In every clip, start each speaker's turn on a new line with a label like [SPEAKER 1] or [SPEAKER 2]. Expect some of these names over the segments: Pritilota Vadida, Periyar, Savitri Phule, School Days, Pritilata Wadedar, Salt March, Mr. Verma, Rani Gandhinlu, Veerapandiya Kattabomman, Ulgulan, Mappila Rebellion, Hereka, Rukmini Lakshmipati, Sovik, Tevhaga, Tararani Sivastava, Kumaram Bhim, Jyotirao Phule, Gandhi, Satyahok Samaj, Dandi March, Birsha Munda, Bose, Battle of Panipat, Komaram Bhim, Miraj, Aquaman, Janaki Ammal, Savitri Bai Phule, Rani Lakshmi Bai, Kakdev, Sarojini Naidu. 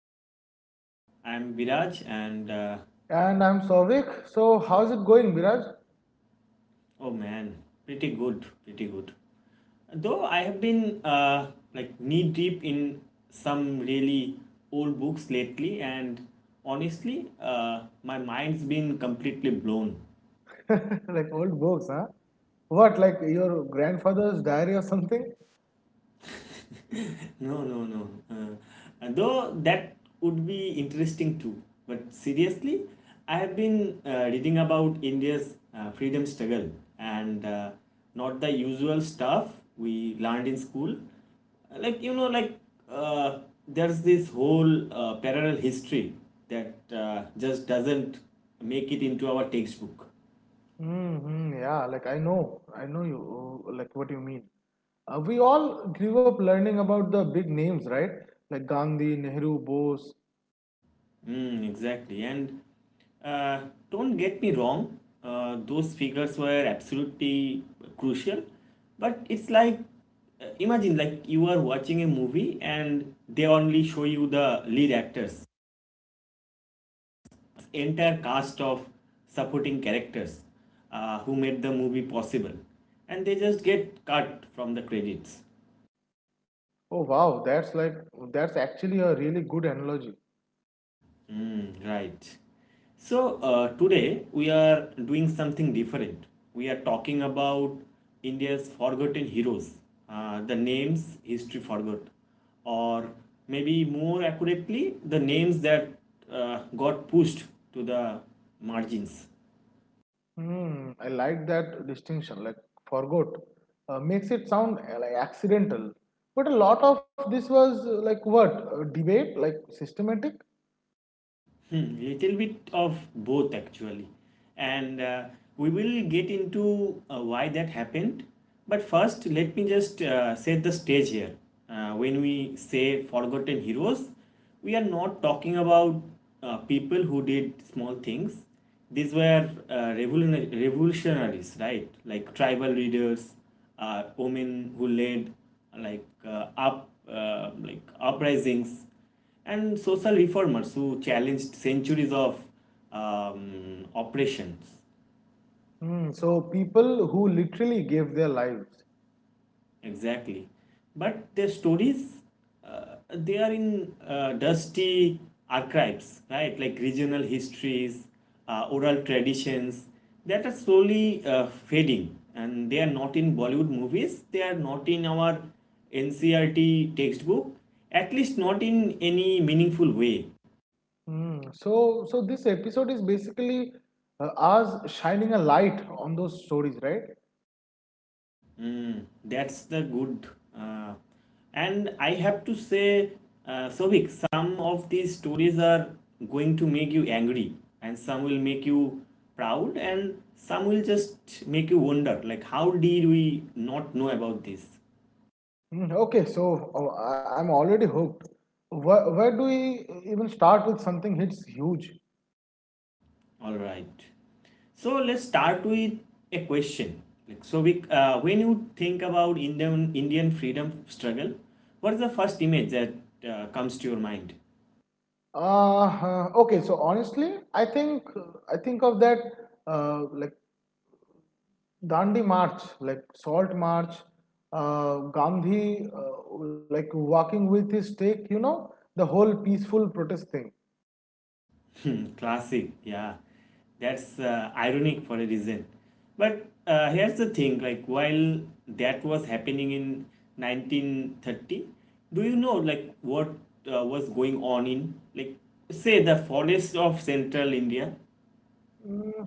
[SPEAKER 1] another episode. I'm Viraj and
[SPEAKER 2] And I'm Sovik. So how's it going, Miraj?
[SPEAKER 1] oh man, pretty good, pretty good. Though I have been like knee deep in some really old books lately, and honestly, my mind's been completely blown.
[SPEAKER 2] Like old books, huh? What, like your grandfather's diary or something?
[SPEAKER 1] No, no, no. Though that would be interesting too. But seriously, I have been reading about India's freedom struggle and not the usual stuff we learned in school. Like, you know, like uh, there's this whole parallel history that just doesn't make it into our textbook.
[SPEAKER 2] Mm-hmm, yeah, like I know like what you mean. We all grew up learning about the big names, right? Like Gandhi, Nehru, Bose.
[SPEAKER 1] Mm, exactly. And uh, don't get me wrong, those figures were absolutely crucial. But it's like, imagine like you are watching a movie and they only show you the lead actors, entire cast of supporting characters who made the movie possible. And they just get cut from the credits.
[SPEAKER 2] Oh wow, that's actually a really good analogy.
[SPEAKER 1] Mm, right. So, today we are doing something different. We are talking about India's forgotten heroes, the names history forgot, or maybe more accurately, the names that got pushed to the margins.
[SPEAKER 2] Hmm, I like that distinction. Like forgot, makes it sound, like accidental, but a lot of this was like what debate, like systematic.
[SPEAKER 1] Hmm, little bit of both actually. And we will get into why that happened. But first, let me just set the stage here. When we say forgotten heroes, we are not talking about people who did small things. These were revolutionaries, right? Like tribal leaders, women who led like uprisings and social reformers who challenged centuries of oppressions.
[SPEAKER 2] Hmm, so people who literally gave their lives.
[SPEAKER 1] Exactly. But their stories, they are in dusty archives, right? Like regional histories, oral traditions that are slowly fading. And they are not in Bollywood movies, they are not in our NCRT textbook, at least not in any meaningful way.
[SPEAKER 2] Hmm, so this episode is basically us shining a light on those stories, right?
[SPEAKER 1] Mm, that's the good. Uh, and I have to say, Sobhik, some of these stories are going to make you angry, and some will make you proud, and some will just make you wonder, like, how did we not know about this?
[SPEAKER 2] Hmm, okay, so I'm already hooked. Where do we even start with something hits huge?
[SPEAKER 1] All right. So let's start with a question. Like, Sobhik, when you think about Indian freedom struggle, what is the first image that comes to your mind?
[SPEAKER 2] Okay, so honestly, I think of that like Dandi March, like Salt March, Gandhi, like walking with his stick. The whole peaceful protest thing.
[SPEAKER 1] Hmm, classic, yeah. That's ironic for a reason. But here's the thing like, while that was happening in 1930, do you know like what was going on in, like, say, the forest of central India?
[SPEAKER 2] Mm,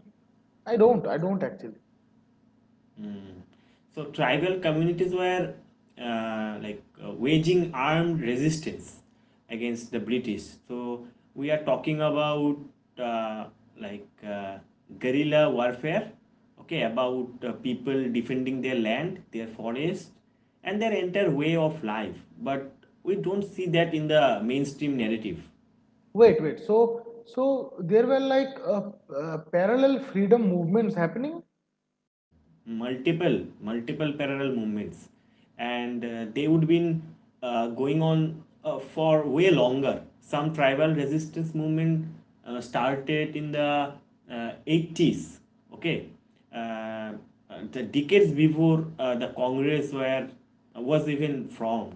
[SPEAKER 2] I don't. I don't actually.
[SPEAKER 1] So tribal communities were waging armed resistance against the British. So we are talking about uh, like uh, guerrilla warfare, okay, about people defending their land, their forest, and their entire way of life. But we don't see that in the mainstream narrative.
[SPEAKER 2] Wait, wait. So there were like parallel freedom movements happening.
[SPEAKER 1] Multiple parallel movements and they would been going on for way longer. Some tribal resistance movement started in the 80s, okay, uh, uh, the decades before the Congress were was even formed.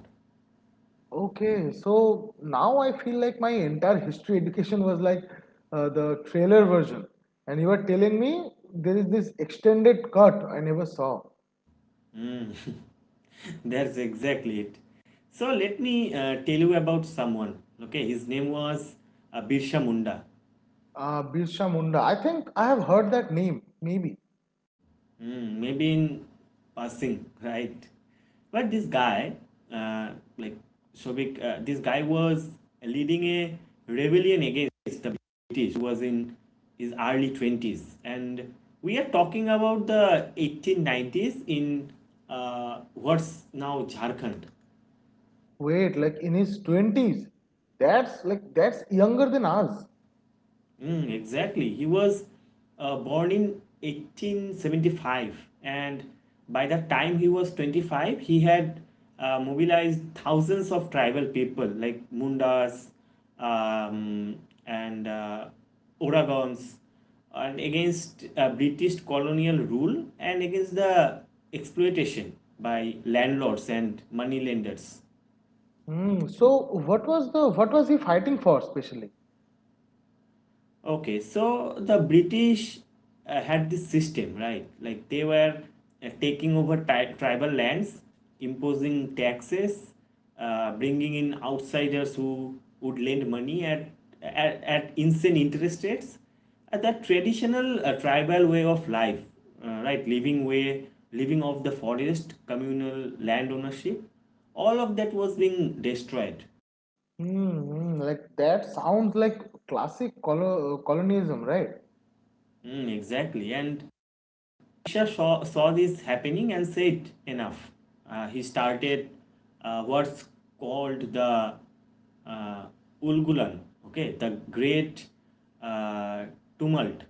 [SPEAKER 2] Okay, so now I feel like my entire history education was like the trailer version, and you are telling me there is this extended cut I never saw.
[SPEAKER 1] Mm. That's exactly it. So let me tell you about someone. Okay, his name was Birsha Munda.
[SPEAKER 2] Birsha Munda. I think I have heard that name. Maybe.
[SPEAKER 1] Mm, maybe in passing, right? But this guy, uh, like Shobik, this guy was leading a rebellion against the British. He was in his early 20s. And we are talking about the 1890s in what's now Jharkhand.
[SPEAKER 2] Wait, like in his 20s. That's younger than us.
[SPEAKER 1] Mm, exactly. He was born in 1875, and by the time he was 25, he had mobilized thousands of tribal people like Mundas um, and Oregons and against British colonial rule and against the exploitation by landlords and moneylenders.
[SPEAKER 2] Hmm. So what was he fighting for especially?
[SPEAKER 1] Okay, so the British had this system, right? Like they were taking over tribal lands, imposing taxes, bringing in outsiders who would lend money at insane interest rates. That traditional tribal way of life, right? Living off the forest, communal land ownership, all of that was being destroyed.
[SPEAKER 2] Hmm. Like that sounds like classic colonialism, right?
[SPEAKER 1] Mm, exactly, and Krishna saw this happening and said, enough. He started what's called the uh, Ulgulan, okay, the great uh, tumult.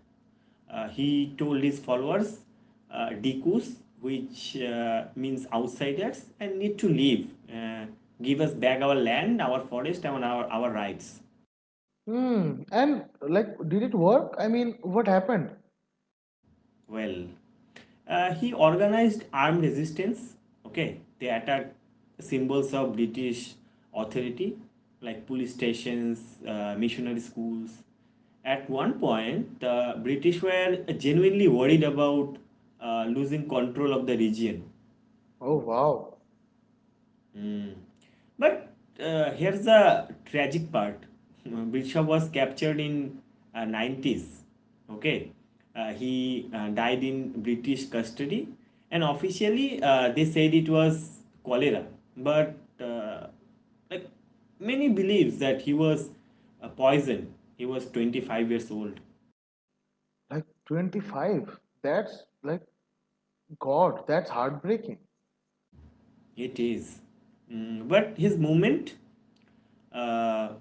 [SPEAKER 1] He told his followers, Dikus, which means outsiders, and need to leave. Give us back our land, our forest, and our rights.
[SPEAKER 2] Hmm. And like, did it work? I mean, what happened?
[SPEAKER 1] Well, he organized armed resistance. Okay, they attacked symbols of British authority like police stations, missionary schools. At one point, the British were genuinely worried about losing control of the region.
[SPEAKER 2] Oh wow!
[SPEAKER 1] But here's the tragic part. Birsha was captured in 90s. Okay, he died in British custody, and officially they said it was cholera. But uh, like many believes that he was poisoned. He was 25 years old.
[SPEAKER 2] Like 25. That's like God. That's heartbreaking.
[SPEAKER 1] It is. Mm, but his movement uh,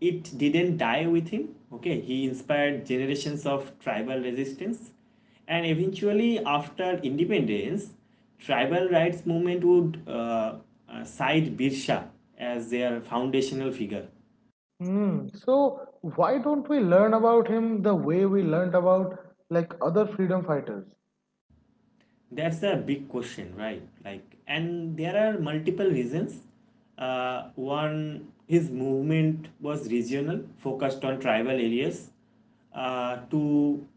[SPEAKER 1] it didn't die with him. Okay, he inspired generations of tribal resistance, and eventually, after independence, tribal rights movement would cite Birsa as their foundational figure.
[SPEAKER 2] Hmm. So why don't we learn about him the way we learned about like other freedom fighters?
[SPEAKER 1] That's a big question, right? Like, and there are multiple reasons. One, his movement was regional, focused on tribal areas. Two,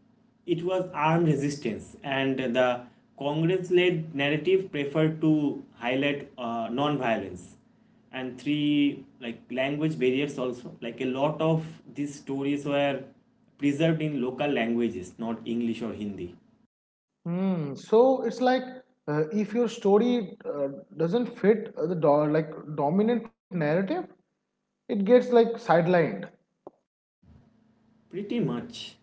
[SPEAKER 1] it was armed resistance, and the Congress-led narrative preferred to highlight non-violence. And three, like language barriers also. Like a lot of these stories were preserved in local languages, not English or Hindi.
[SPEAKER 2] Hmm. So it's like if your story doesn't fit the like dominant narrative, it gets like sidelined.
[SPEAKER 1] Pretty much.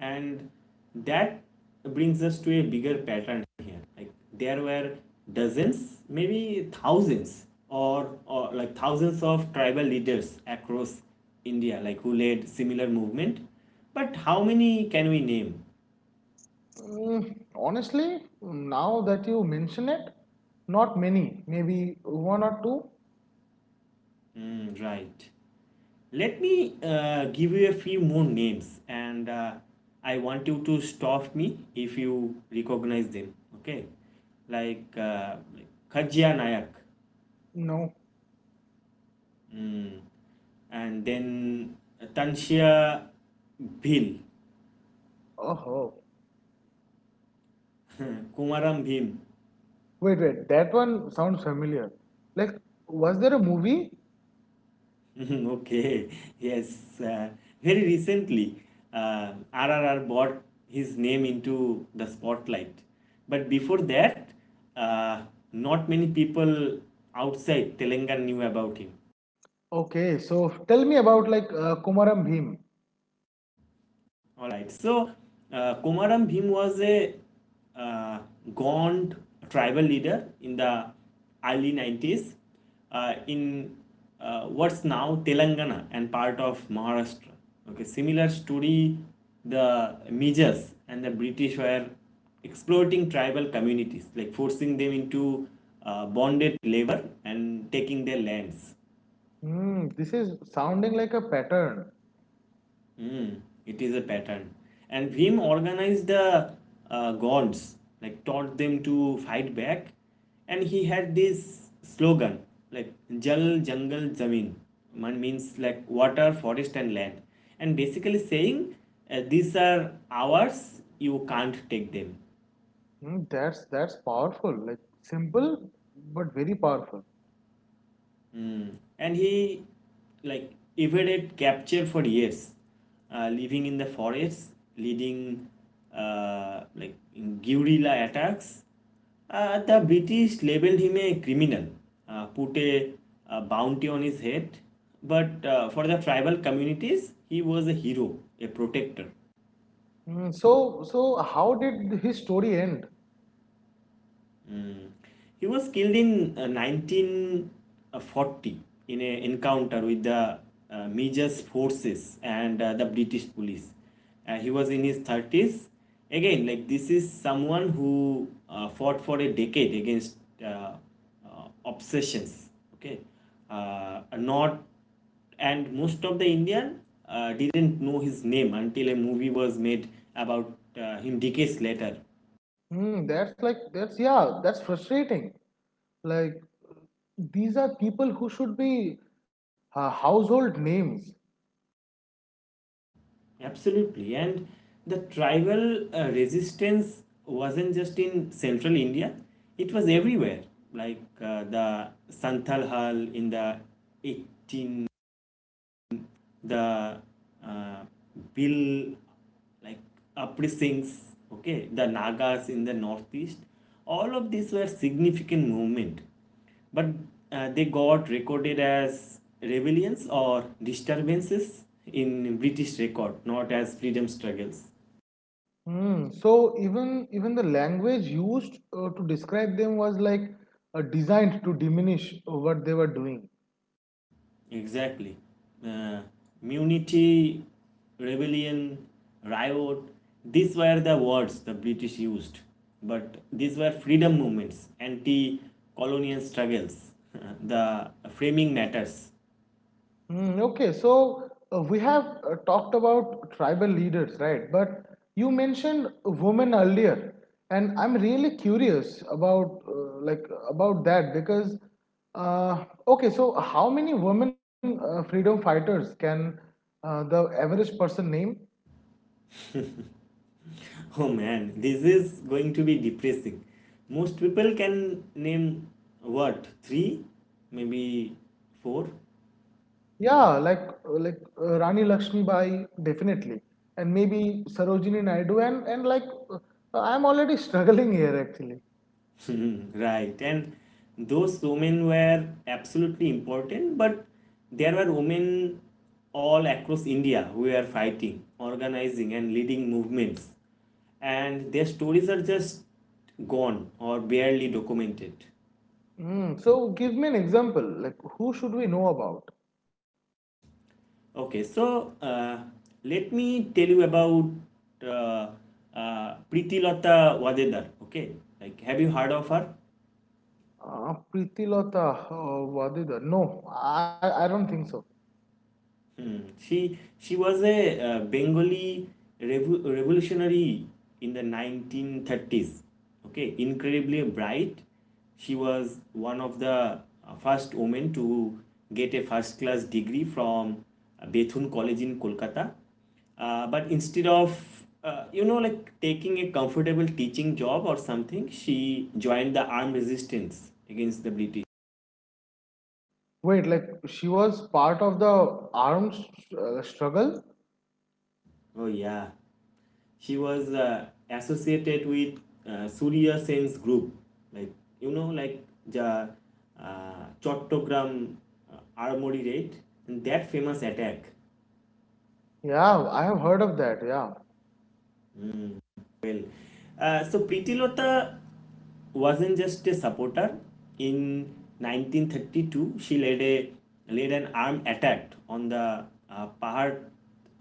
[SPEAKER 1] And that brings us to a bigger pattern here. Like there were dozens, maybe thousands, or like thousands of tribal leaders across India, like who led similar movement. But how many can we name?
[SPEAKER 2] Mm, honestly, now that you mention it, not many. Maybe one or two.
[SPEAKER 1] Mm, right. Let me give you a few more names, and I want you to stop me if you recognize them. Okay, like Khajia Nayak.
[SPEAKER 2] No.
[SPEAKER 1] Mm. And then Tanshia Bhil,
[SPEAKER 2] Oh,
[SPEAKER 1] Kumaram Bhim.
[SPEAKER 2] wait, wait. That one sounds familiar. Like, was there a movie?
[SPEAKER 1] Mhm, okay, yes. Very recently, RRR brought his name into the spotlight. But before that, uh, not many people outside Telangana knew about him.
[SPEAKER 2] Okay, so tell me about like Kumaram Bhim.
[SPEAKER 1] All right. So Komaram Bhim was a uh, gaunt tribal leader in the early 90s in what's now Telangana and part of Maharashtra. Okay, similar story. The Mijas and the British were exploiting tribal communities, like forcing them into bonded labor and taking their lands.
[SPEAKER 2] Hmm, this is sounding like a pattern.
[SPEAKER 1] Mm, it is a pattern. And Bhim organized the gods, like taught them to fight back. And he had this slogan, like Jal Jangal Zamin, man means like water, forest, and land. And basically saying, these are ours, you can't take them.
[SPEAKER 2] Hmm, that's powerful. Like simple, but very powerful.
[SPEAKER 1] Mm. And he like evaded capture for years, living in the forest, leading like in guerrilla attacks. The British labeled him a criminal, uh, put a, a bounty on his head, but for the tribal communities, he was a hero, a protector.
[SPEAKER 2] Hmm, so how did his story end?
[SPEAKER 1] Mm. He was killed in 1940 in an encounter with the Mijas forces and the British police. He was in his 30s. Again, like this is someone who fought for a decade against uh, obsessions. Okay, not and most of the Indian didn't know his name until a movie was made about him decades later.
[SPEAKER 2] Hmm, that's, yeah, that's frustrating. Like, these are people who should be household names.
[SPEAKER 1] Absolutely. And the tribal resistance wasn't just in central India, it was everywhere. Like the Santhal Hall in the 18, the uh, Bill like uprisings, okay, the Nagas in the northeast, all of these were significant movement, but they got recorded as rebellions or disturbances in British record, not as freedom struggles.
[SPEAKER 2] Hmm. So even the language used to describe them was like designed to diminish what they were doing.
[SPEAKER 1] Exactly. Uh, Munity, rebellion, riot, these were the words the British used. But these were freedom movements, anti colonial struggles. The framing matters.
[SPEAKER 2] Mm, okay, so we have talked about tribal leaders, right? But you mentioned women earlier, and I'm really curious about that because okay, so how many women freedom fighters can the average person name?
[SPEAKER 1] Oh man, this is going to be depressing. Most people can name what? Three? Maybe four?
[SPEAKER 2] Yeah, like Rani Lakshmi Bai definitely, and maybe Sarojini Naidu, and like I'm already struggling here actually.
[SPEAKER 1] Right. And those women were absolutely important, but there were women all across India who were fighting, organizing, and leading movements. And their stories are just gone or barely documented.
[SPEAKER 2] Mm, so give me an example. Like who should we know about?
[SPEAKER 1] Okay, so let me tell you about uh, Preeti Lata Wadedar. Okay, like have you heard of her?
[SPEAKER 2] Pritilota Vadida. No, I don't think so.
[SPEAKER 1] Mm. She was a Bengali revolutionary in the 1930s. Okay, incredibly bright. She was one of the first women to get a first class degree from Bethune College in Kolkata. But instead of you know like taking a comfortable teaching job or something, she joined the armed resistance against the British.
[SPEAKER 2] Wait, like she was part of the arms struggle?
[SPEAKER 1] Oh yeah. She was associated with Surya Sen's group, like you know, like the Chattogram Armory raid and that famous attack.
[SPEAKER 2] Yeah, I have heard of that. Yeah.
[SPEAKER 1] Well. So Pritilota wasn't just a supporter. In 1932, she led a led an armed attack on the Pahar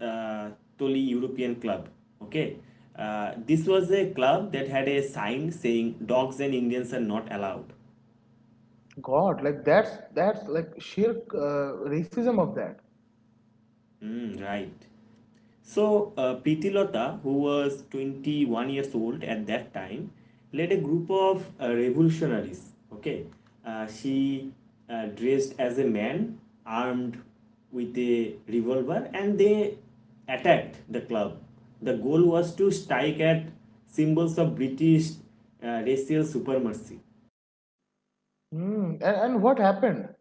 [SPEAKER 1] uh, Toli European Club. Okay, this was a club that had a sign saying "Dogs and Indians are not allowed."
[SPEAKER 2] God, like that's like sheer racism of that.
[SPEAKER 1] Mm, right. So, Pritilota, who was 21 years old at that time, led a group of revolutionaries. Okay, she dressed as a man, armed with a revolver, and they attacked the club. The goal was to strike at symbols of British racial supremacy.
[SPEAKER 2] Mm, and what happened?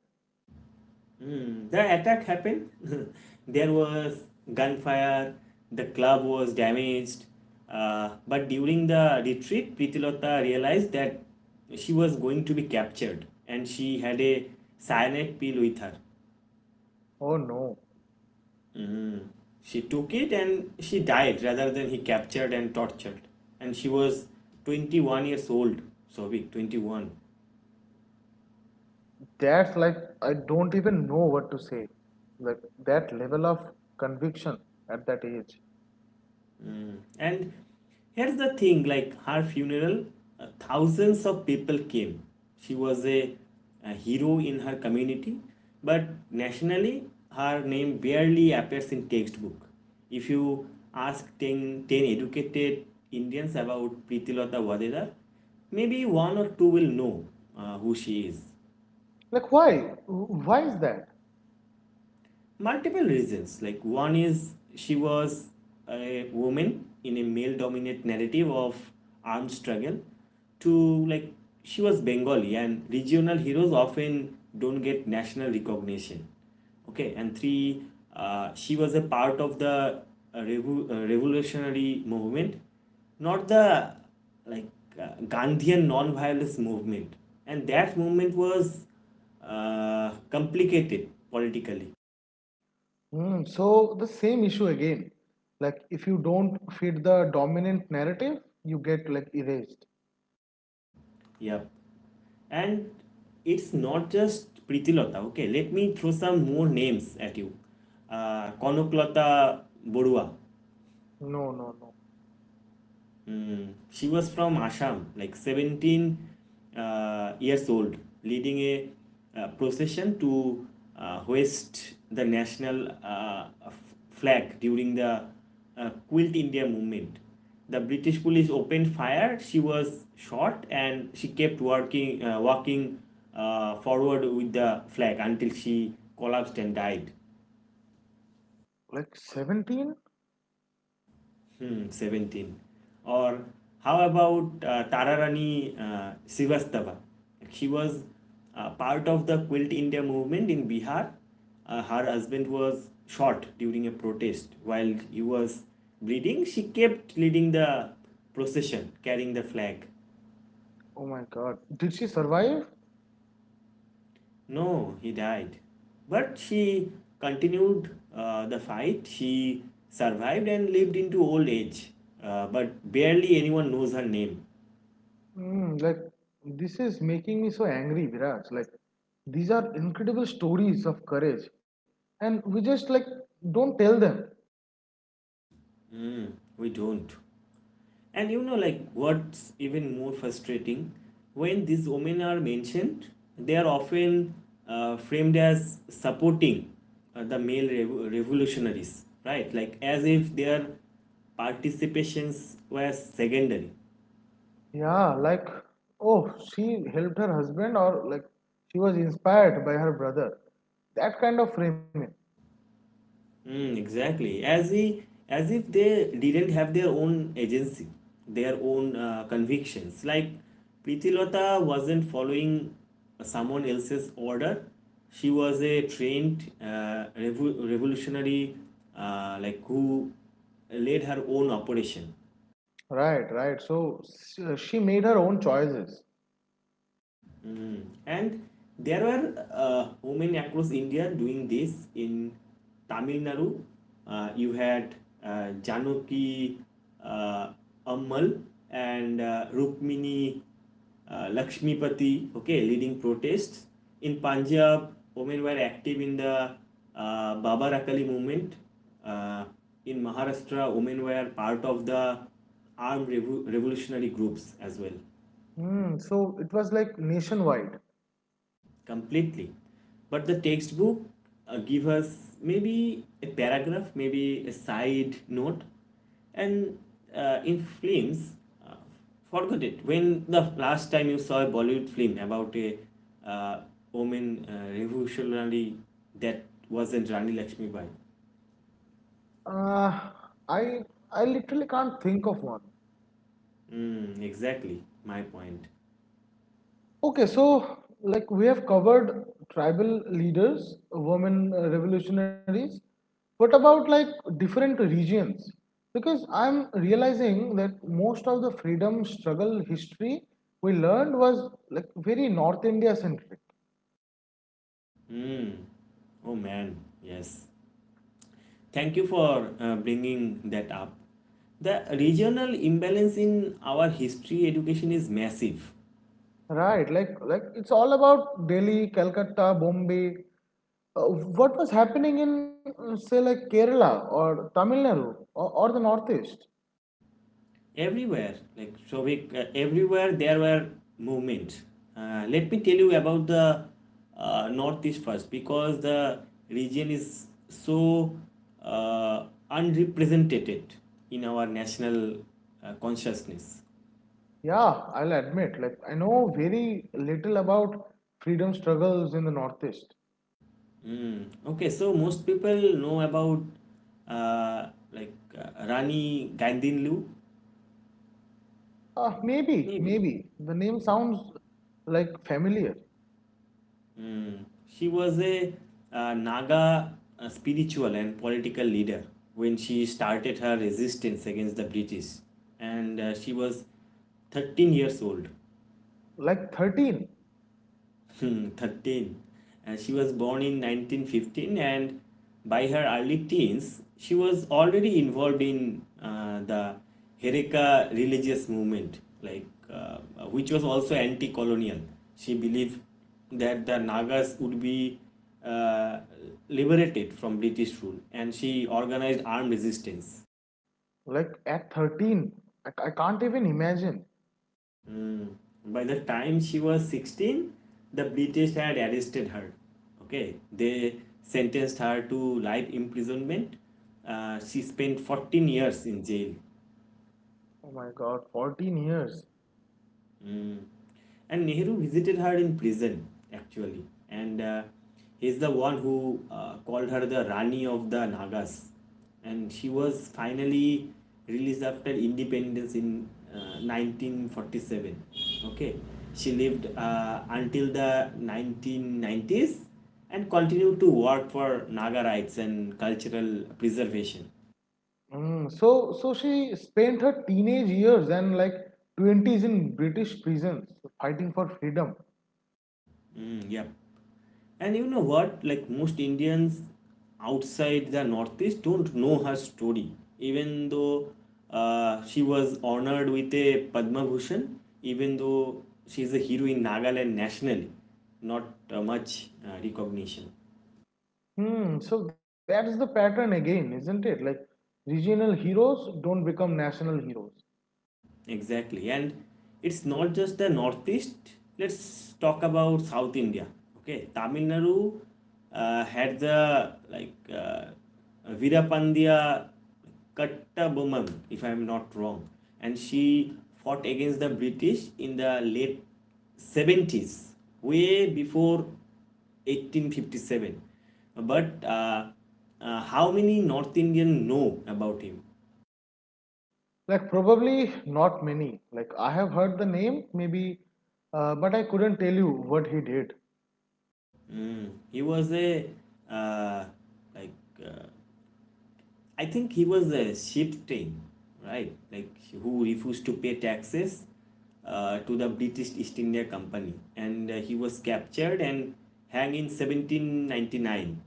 [SPEAKER 1] Mm, the attack happened. There was gunfire. The club was damaged. But during the retreat, Pritilota realized that she was going to be captured, and she had a cyanide pill with her.
[SPEAKER 2] Oh no,
[SPEAKER 1] Mm. She took it and she died rather than he captured and tortured. And she was 21 years old, Sovic, 21.
[SPEAKER 2] that's like I don't even know what to say. Like that level of conviction at that age.
[SPEAKER 1] And here's the thing like her funeral, thousands of people came. She was a hero in her community, but nationally, her name barely appears in textbook. If you ask ten educated Indians about Pritilata Vadedar, maybe one or two will know who she is.
[SPEAKER 2] Like why? Why is that?
[SPEAKER 1] Multiple reasons like one is she was a woman in a male dominant narrative of armed struggle. Two, like she was Bengali and regional heroes often don't get national recognition. Okay, and three, she was a part of the revolutionary movement, not the like uh, Gandhian non-violence movement, and that movement was complicated politically.
[SPEAKER 2] Mm, so the same issue again. Like if you don't fit the dominant narrative, you get like erased.
[SPEAKER 1] Yep. And it's not just Pritilata, okay? Let me throw some more names at you. Konoklata Borua.
[SPEAKER 2] No, no, no.
[SPEAKER 1] Mm, she was from Assam, like 17 years old, leading a procession to hoist the national flag during the Quilt India movement. The British police opened fire. She was shot, and she kept working, walking forward with the flag until she collapsed and died.
[SPEAKER 2] Like 17?
[SPEAKER 1] Hmm, 17. Or how about Tararani Sivastava? She was part of the Quilt India movement in Bihar. Her husband was shot during a protest. While he was bleeding, she kept leading the procession, carrying the flag.
[SPEAKER 2] Oh my God. Did she survive?
[SPEAKER 1] No, he died. But she continued the fight. She survived and lived into old age. But barely anyone knows her name.
[SPEAKER 2] Mm, like this is making me so angry, Viraj. Like these are incredible stories of courage. And we just like don't tell them.
[SPEAKER 1] We don't. And you know, like, what's even more frustrating? When these women are mentioned, they are often framed as supporting the revolutionaries, right? Like, as if their participations were secondary.
[SPEAKER 2] Yeah, like oh, she helped her husband or like she was inspired by her brother. That kind of framing.
[SPEAKER 1] Mm, exactly. As if they didn't have their own agency, their own convictions. Like Pritilota wasn't following someone else's order. She was a trained revolutionary, like who led her own operation.
[SPEAKER 2] Right, right. So she made her own choices.
[SPEAKER 1] Mm. And there were women across India doing this in Tamil Nadu. You had Janaki uh, Ammal and Rukmini Lakshmipati, okay, leading protests. In Punjab, women were active in the Baba Rakali movement. Uh, in Maharashtra, women were part of the armed revolutionary groups as well.
[SPEAKER 2] Mm, so it was like nationwide.
[SPEAKER 1] Completely. But the textbook give us maybe a paragraph, maybe a side note, and in films, uh, forget it. When the last time you saw a Bollywood film about a uh, woman revolutionary that wasn't Rani Lakshmi Bai?
[SPEAKER 2] Uh, I I literally can't think of one.
[SPEAKER 1] Mm, exactly my point.
[SPEAKER 2] Okay, so like we have covered tribal leaders, women revolutionaries. What about like different regions? Because I'm realizing that most of the freedom struggle history we learned was like very North India centric.
[SPEAKER 1] Mm. Oh man, yes. Thank you for bringing that up. The regional imbalance in our history education is massive.
[SPEAKER 2] Right, like it's all about Delhi, Calcutta, Bombay. Uh, what was happening in say like Kerala or Tamil Nadu, or the Northeast?
[SPEAKER 1] Everywhere, like Shovik, everywhere there were movements. Let me tell you about the Northeast first, because the region is so uh, unrepresented in our national consciousness.
[SPEAKER 2] Yeah, I'll admit, like I know very little about freedom struggles in the Northeast.
[SPEAKER 1] Mm. Okay, so most people know about like Rani Gandhinlu.
[SPEAKER 2] Uh, maybe,
[SPEAKER 1] Maybe.
[SPEAKER 2] maybe the name sounds like familiar.
[SPEAKER 1] She was a Naga spiritual and political leader. When she started her resistance against the British, and she was 13 years old.
[SPEAKER 2] Like 13,
[SPEAKER 1] Hmm, 13. And she was born in 1915, and by her early teens, she was already involved in the Hereka religious movement, like uh, which was also anti-colonial. She believed that the Nagas would be uh, liberated from British rule, and she organized armed resistance.
[SPEAKER 2] like at 13, I can't even imagine.
[SPEAKER 1] Mm. By the time she was 16, the British had arrested her. Okay, they sentenced her to life imprisonment. She spent 14 years in jail.
[SPEAKER 2] Oh my God, 14 years.
[SPEAKER 1] Mm. And Nehru visited her in prison, actually. And he's the one who called her the Rani of the Nagas. And she was finally released after independence in 1947. Okay. She lived until the 1990s and continued to work for Naga rights and cultural preservation.
[SPEAKER 2] Mm, so she spent her teenage years and like 20s in British prisons fighting for freedom.
[SPEAKER 1] Mm, yep. And you know what? Like most Indians outside the Northeast don't know her story. Even though she was honored with a Padma Bhushan, even though she's a hero in Nagaland, nationally, not much recognition.
[SPEAKER 2] Hmm, so that is the pattern again, isn't it? Like regional heroes don't become national heroes.
[SPEAKER 1] Exactly. And it's not just the Northeast. Let's talk about South India. Okay. Tamil Nadu had the like Veerapandiya Kattabomman, if I'm not wrong. And she fought against the British in the late 70s, way before 1857. But how many North Indian know about him?
[SPEAKER 2] Like probably not many. Like I have heard the name maybe, but I couldn't tell you what he did.
[SPEAKER 1] Hmm. He was a uh, like I think he was a shifting, right? Like who refused to pay taxes to the British East India Company, and he was captured and hanged in 1799.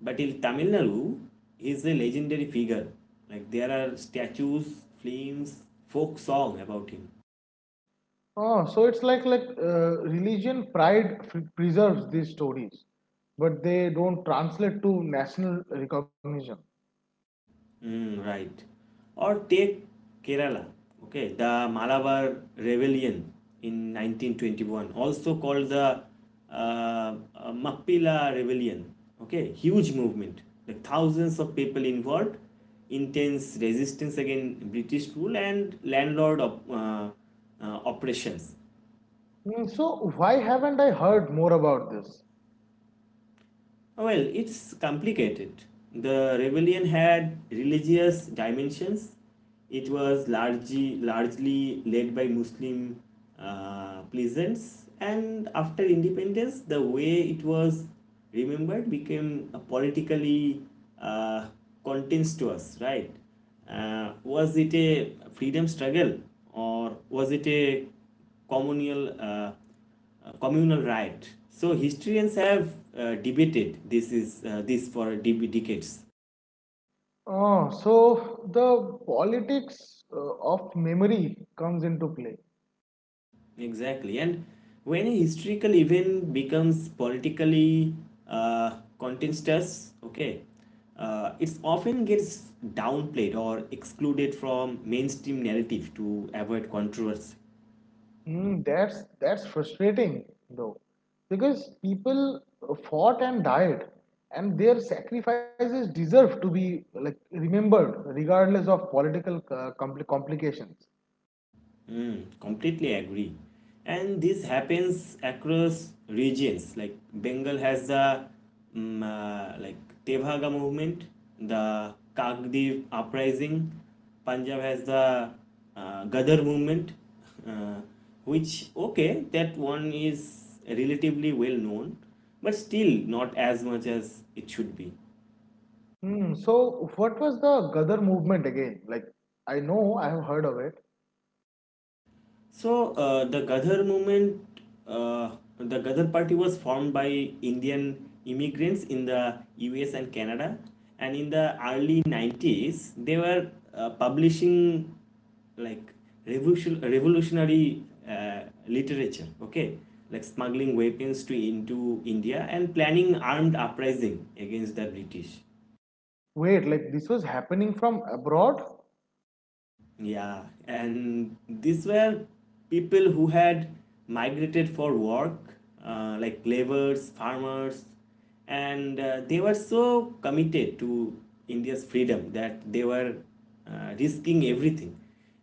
[SPEAKER 1] But in Tamil Nadu, he is a legendary figure. Like there are statues, films, folk song about him.
[SPEAKER 2] Oh, so it's like religion pride preserves these stories, but they don't translate to national recognition.
[SPEAKER 1] Mm, right. Or take Kerala, okay, the Malabar Rebellion in 1921, also called the uh, uh, Mappila Rebellion, okay, huge movement, like thousands of people involved, intense resistance against British rule and landlord oppressions.
[SPEAKER 2] Mm, so, why haven't I heard more about this?
[SPEAKER 1] Oh, well, it's complicated. The rebellion had religious dimensions. It was largely led by Muslim peasants, and after independence, the way it was remembered became a politically uh, contentious. Right? Was it a freedom struggle or was it a communal communal right. So historians have debated this for decades.
[SPEAKER 2] Oh, so the politics of memory comes into play.
[SPEAKER 1] Exactly. And when a historical event becomes politically contentious, okay, it often gets downplayed or excluded from mainstream narrative to avoid controversy.
[SPEAKER 2] Mm, that's frustrating though, because people fought and died, and their sacrifices deserve to be like remembered regardless of political complications.
[SPEAKER 1] Mm, completely agree. And this happens across regions. Like Bengal has the like Tevhaga movement, the Kakdev uprising. Punjab has the Gadar movement, uh, which, okay, that one is relatively well known, but still not as much as it should be.
[SPEAKER 2] Hmm. So, what was the Gadar movement again? Like, I know I have heard of it.
[SPEAKER 1] So the Ghadar movement, uh, the Ghadar party was formed by Indian immigrants in the US and Canada, and in the early 90s they were publishing like revolutionary uh, literature. Okay, like smuggling weapons to into India and planning armed uprising against the British.
[SPEAKER 2] Wait, like this was happening from abroad?
[SPEAKER 1] Yeah, and these were people who had migrated for work, like laborers, farmers, and they were so committed to India's freedom that they were risking everything.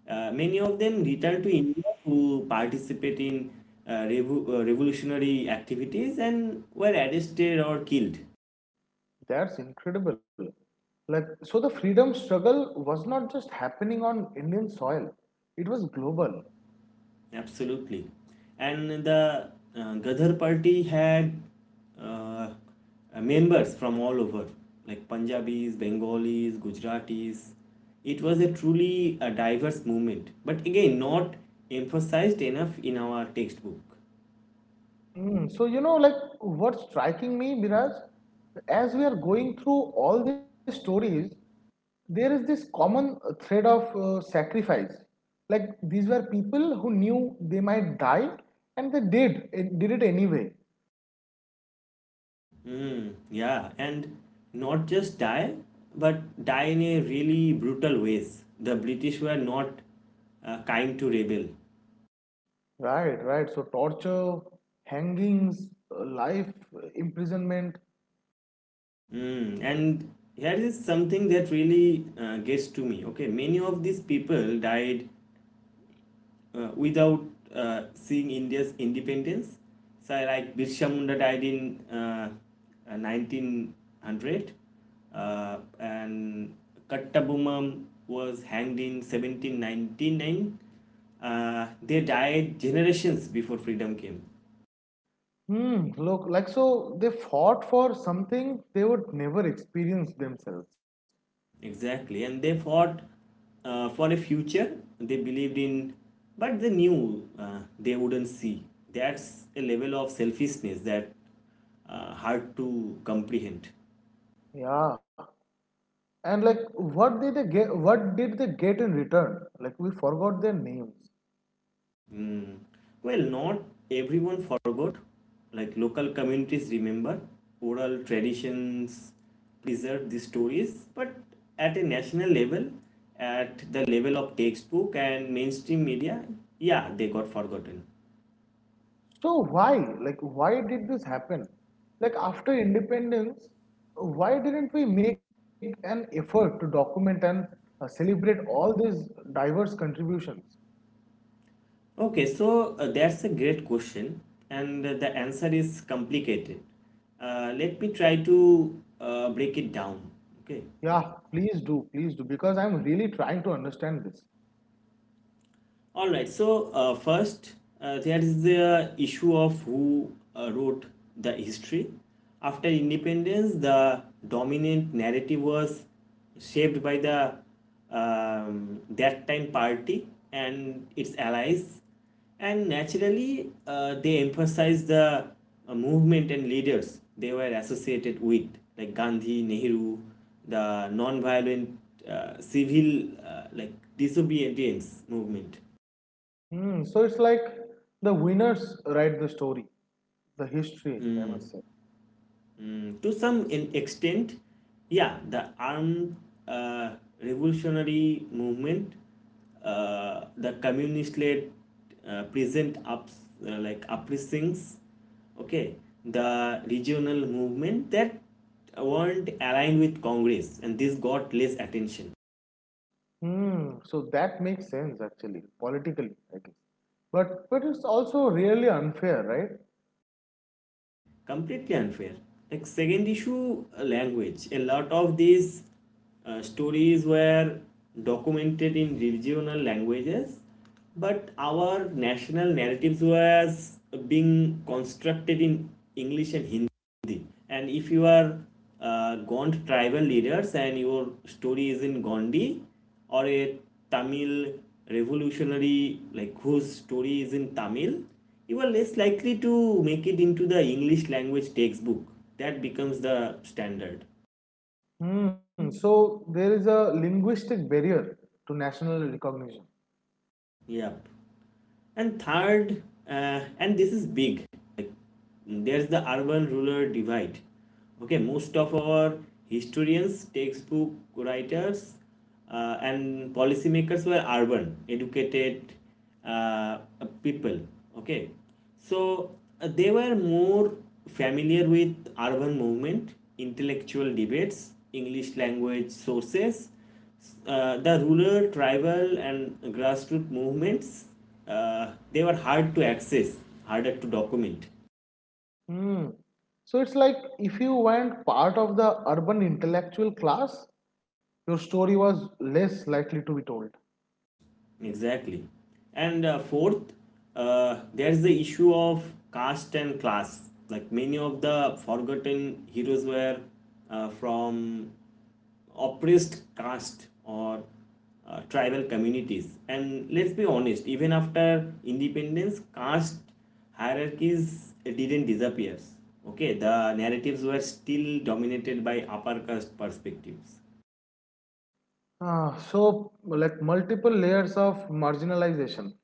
[SPEAKER 1] Many of them returned to India to participate in revolutionary activities and were arrested or killed.
[SPEAKER 2] That's incredible. Like, so the freedom struggle was not just happening on Indian soil, it was global.
[SPEAKER 1] Absolutely. And the Gadhar party had uh, members from all over, like Punjabis, Bengalis, Gujaratis. It was a truly a diverse movement, but again, not emphasized enough in our textbook.
[SPEAKER 2] Mm, so, like, what's striking me, Miraj, as we are going through all these stories, there is this common thread of sacrifice. Like, these were people who knew they might die and they did it anyway.
[SPEAKER 1] Mm, yeah, and not just die, but die in a really brutal ways. The British were not kind to rebel.
[SPEAKER 2] Right, right. So, torture, hangings, life, imprisonment.
[SPEAKER 1] Mm, and here is something that really gets to me. Okay, many of these people died without seeing India's independence. So, like Birsa Munda died in 1900, and Kattabomman was hanged in 1799. They died generations before freedom came.
[SPEAKER 2] Hmm, look, like so they fought for something they would never experience themselves.
[SPEAKER 1] Exactly, and they fought for a future they believed in, but they knew they wouldn't see. That's a level of selfishness that hard to comprehend.
[SPEAKER 2] Yeah. And like what did they get in return? Like we forgot their names.
[SPEAKER 1] Mm. Well, not everyone forgot. Like local communities remember, oral traditions preserve these stories, but at a national level, at the level of textbook and mainstream media, yeah, they got forgotten.
[SPEAKER 2] So why? Like why did this happen? Like after independence, why didn't we make an effort to document and celebrate all these diverse contributions?
[SPEAKER 1] Okay, so that's a great question, and the answer is complicated. Let me try to break it down. Okay.
[SPEAKER 2] Yeah, please do, please do, because I'm really trying to understand this.
[SPEAKER 1] All right. So first, there is the issue of who wrote the history. After independence, the dominant narrative was shaped by the that time party and its allies, and naturally, they emphasized the movement and leaders they were associated with, like Gandhi, Nehru, the non-violent civil like disobedience movement.
[SPEAKER 2] Hmm. So it's like the winners write the story, the history. I
[SPEAKER 1] Mm,
[SPEAKER 2] must say.
[SPEAKER 1] mm, to some in extent, yeah, the armed uh, revolutionary movement, the communist-led present ups like uprisings, okay, the regional movement that weren't aligned with Congress, and this got less attention.
[SPEAKER 2] Hmm. So that makes sense actually, politically, I guess. But it's also really unfair, right?
[SPEAKER 1] Completely unfair. Like second issue, language. A lot of these stories were documented in regional languages, but our national narratives was being constructed in English and Hindi. And if you are Gond tribal leaders and your story is in Gondi, or a Tamil revolutionary, like whose story is in Tamil, you are less likely to make it into the English language textbook. That becomes the standard.
[SPEAKER 2] Hmm. So there is a linguistic barrier to national recognition.
[SPEAKER 1] Yep. And third, and this is big, like, there's the urban rural divide. Okay, most of our historians, textbook writers, and policymakers were urban, educated uh, people. Okay, so they were more familiar with urban movement, intellectual debates, English language sources. The rural, tribal, and grassroots movements, they were hard to access, harder to document.
[SPEAKER 2] Hmm. So it's like if you weren't part of the urban intellectual class, your story was less likely to be told.
[SPEAKER 1] Exactly. And fourth, there's the issue of caste and class. Like many of the forgotten heroes were from oppressed caste or tribal communities. And let's be honest, even after independence, caste hierarchies didn't disappear. Okay, the narratives were still dominated by upper caste perspectives,
[SPEAKER 2] Ah, so like multiple layers of marginalization.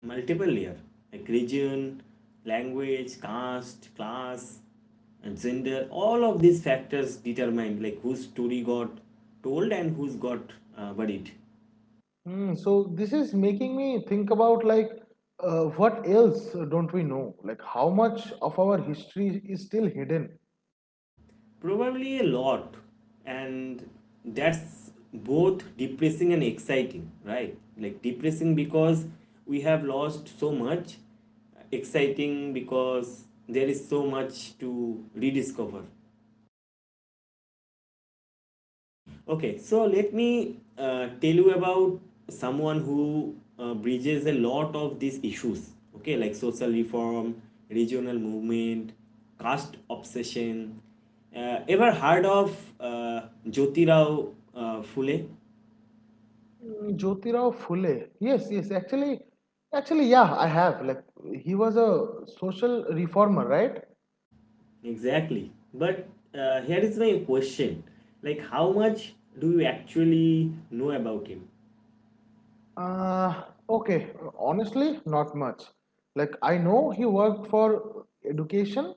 [SPEAKER 1] multiple layer, like region, language, caste, class, and gender. All of these factors determined like whose story got told and who's got buried.
[SPEAKER 2] Mm, so this is making me think about like what else don't we know? Like how much of our history is still hidden?
[SPEAKER 1] Probably a lot, and that's both depressing and exciting, right? Like depressing because we have lost so much, exciting because there is so much to rediscover. Okay, so let me tell you about someone who bridges a lot of these issues, okay, like social reform, regional movement, caste obsession. Ever heard of Jyotirao Phule?
[SPEAKER 2] Mm, Jyotirao Phule. Yes, yes. Actually, yeah, I have. Like he was a social reformer, right?
[SPEAKER 1] Exactly. But here is my question, like, how much do you actually know about him?
[SPEAKER 2] Uh, okay. Honestly, not much. Like I know he worked for education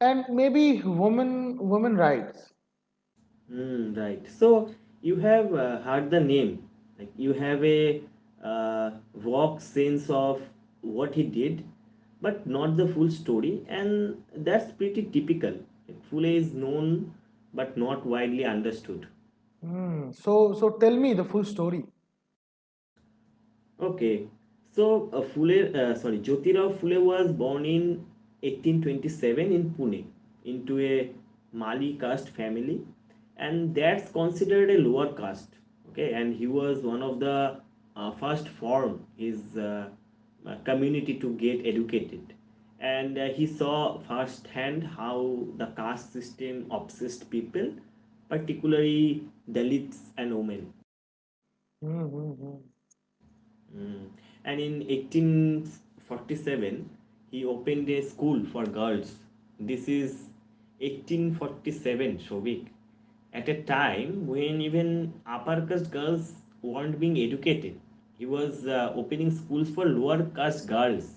[SPEAKER 2] and maybe women rights.
[SPEAKER 1] Mm, right. So you have heard the name. Like you have a vague sense of what he did, but not the full story, and that's pretty typical. Like Fule is known but not widely understood.
[SPEAKER 2] Mm, so tell me the full story.
[SPEAKER 1] Okay, so Phule, sorry, Jyotirao Phule was born in 1827 in Pune into a Mali caste family, and that's considered a lower caste. Okay, and he was one of the first form his community to get educated, and he saw firsthand how the caste system obsessed people, particularly Dalits and women.
[SPEAKER 2] Mm-hmm.
[SPEAKER 1] Mm. And in 1847, he opened a school for girls. This is 1847, Shobik, at a time when even upper caste girls weren't being educated. He was opening schools for lower caste girls.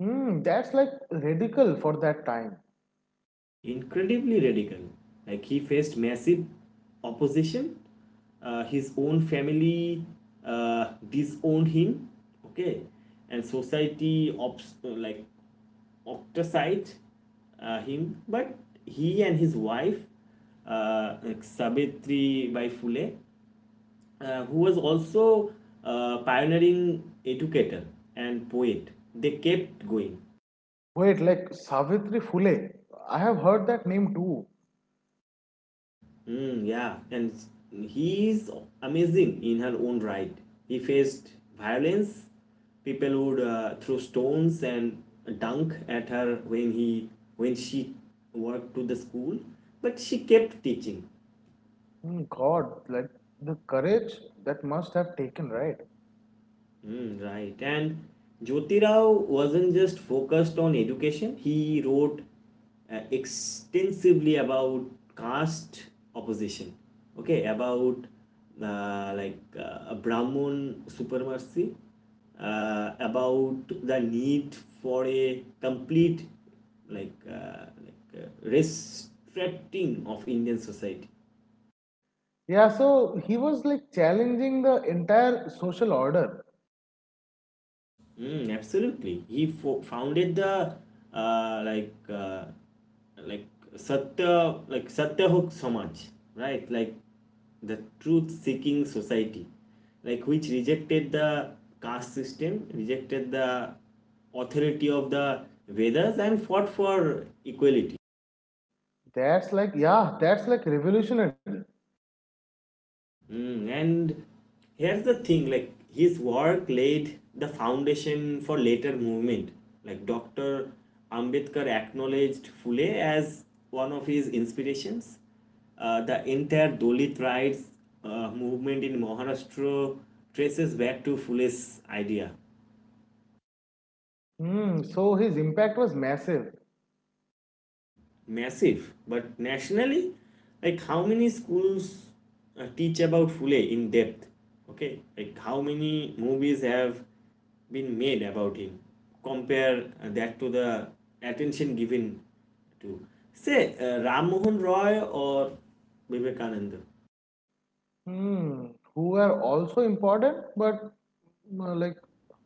[SPEAKER 2] Hmm, that's like radical for that time.
[SPEAKER 1] Incredibly radical. Like he faced massive opposition. His own family disowned him. Okay, and society like ostracized him. But he and his wife, like Savitri Bai Phule, who was also a pioneering educator and poet, they kept going.
[SPEAKER 2] Wait, like Savitri Phule. I have heard that name too.
[SPEAKER 1] Mm, yeah, and he is amazing in her own right. He faced violence. People would throw stones and dunk at her when he when she worked to the school, but she kept teaching.
[SPEAKER 2] Hmm, God, like the courage that must have taken, right?
[SPEAKER 1] Mm, right. And Jyotirao wasn't just focused on education, he wrote extensively about caste opposition. Okay, about Brahmin supremacy, about the need for a complete, restricting of Indian society.
[SPEAKER 2] Yeah, so he was like challenging the entire social order.
[SPEAKER 1] Mm, absolutely. Founded the uh, like uh, like Satyahok Samaj, right? Like the truth-seeking society, like which rejected the caste system, rejected the authority of the Vedas, and fought for equality.
[SPEAKER 2] That's like, yeah, that's like revolutionary.
[SPEAKER 1] Mm, and here's the thing, like his work laid the foundation for later movement like dr ambedkar acknowledged Phule as one of his inspirations. The entire Dalit rights movement in Maharashtra traces back to Phule's idea.
[SPEAKER 2] Hmm, so his impact was massive.
[SPEAKER 1] Massive but nationally, like how many schools teach about Fule in depth? Okay, like how many movies have been made about him? Compare that to the attention given to, say, Ram Mohan Roy or Vivekananda.
[SPEAKER 2] Hmm, who are also important, but like,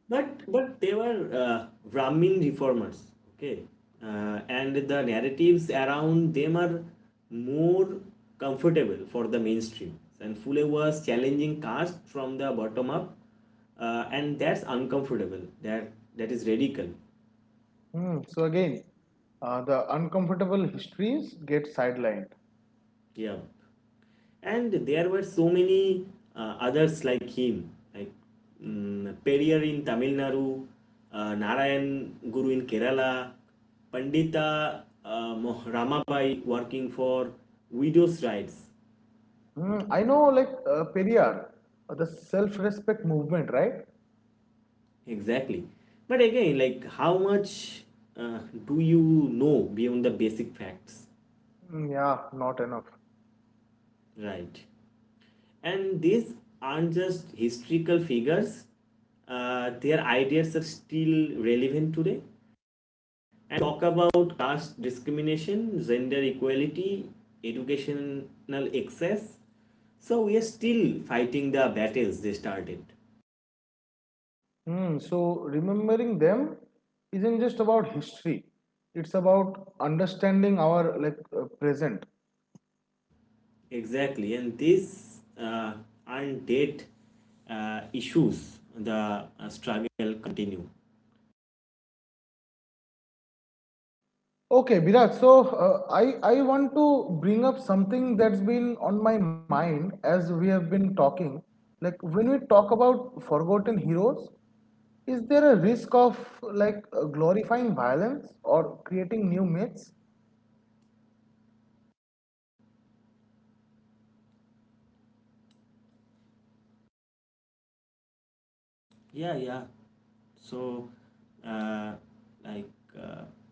[SPEAKER 1] But they were Brahmin reformers, okay, and the narratives around them are more comfortable for the mainstream. And Fule was challenging caste from the bottom up, and that's uncomfortable. That is radical.
[SPEAKER 2] so again, the uncomfortable histories get sidelined.
[SPEAKER 1] Yeah. And there were so many others like him, like mm, Periyar in Tamil Nadu, Narayan Guru in Kerala, Pandita Ramabai working for widows' rights.
[SPEAKER 2] Mm, I know, like Periyar, the self-respect movement, right?
[SPEAKER 1] Exactly. But again, like how much uh, do you know beyond the basic facts?
[SPEAKER 2] Mm, yeah, not enough.
[SPEAKER 1] Right. And these aren't just historical figures, their ideas are still relevant today and talk about caste discrimination, gender equality, educational access. So we are still fighting the battles they started.
[SPEAKER 2] Mm, so remembering them isn't just about history; it's about understanding our like present.
[SPEAKER 1] Exactly, and these aren't dead issues. The struggle continue.
[SPEAKER 2] Okay, Biraj. So I want to bring up something that's been on my mind as we have been talking. Like when we talk about forgotten heroes, is there a risk of like glorifying violence or creating new myths?
[SPEAKER 1] Yeah, yeah. So, uh, like uh,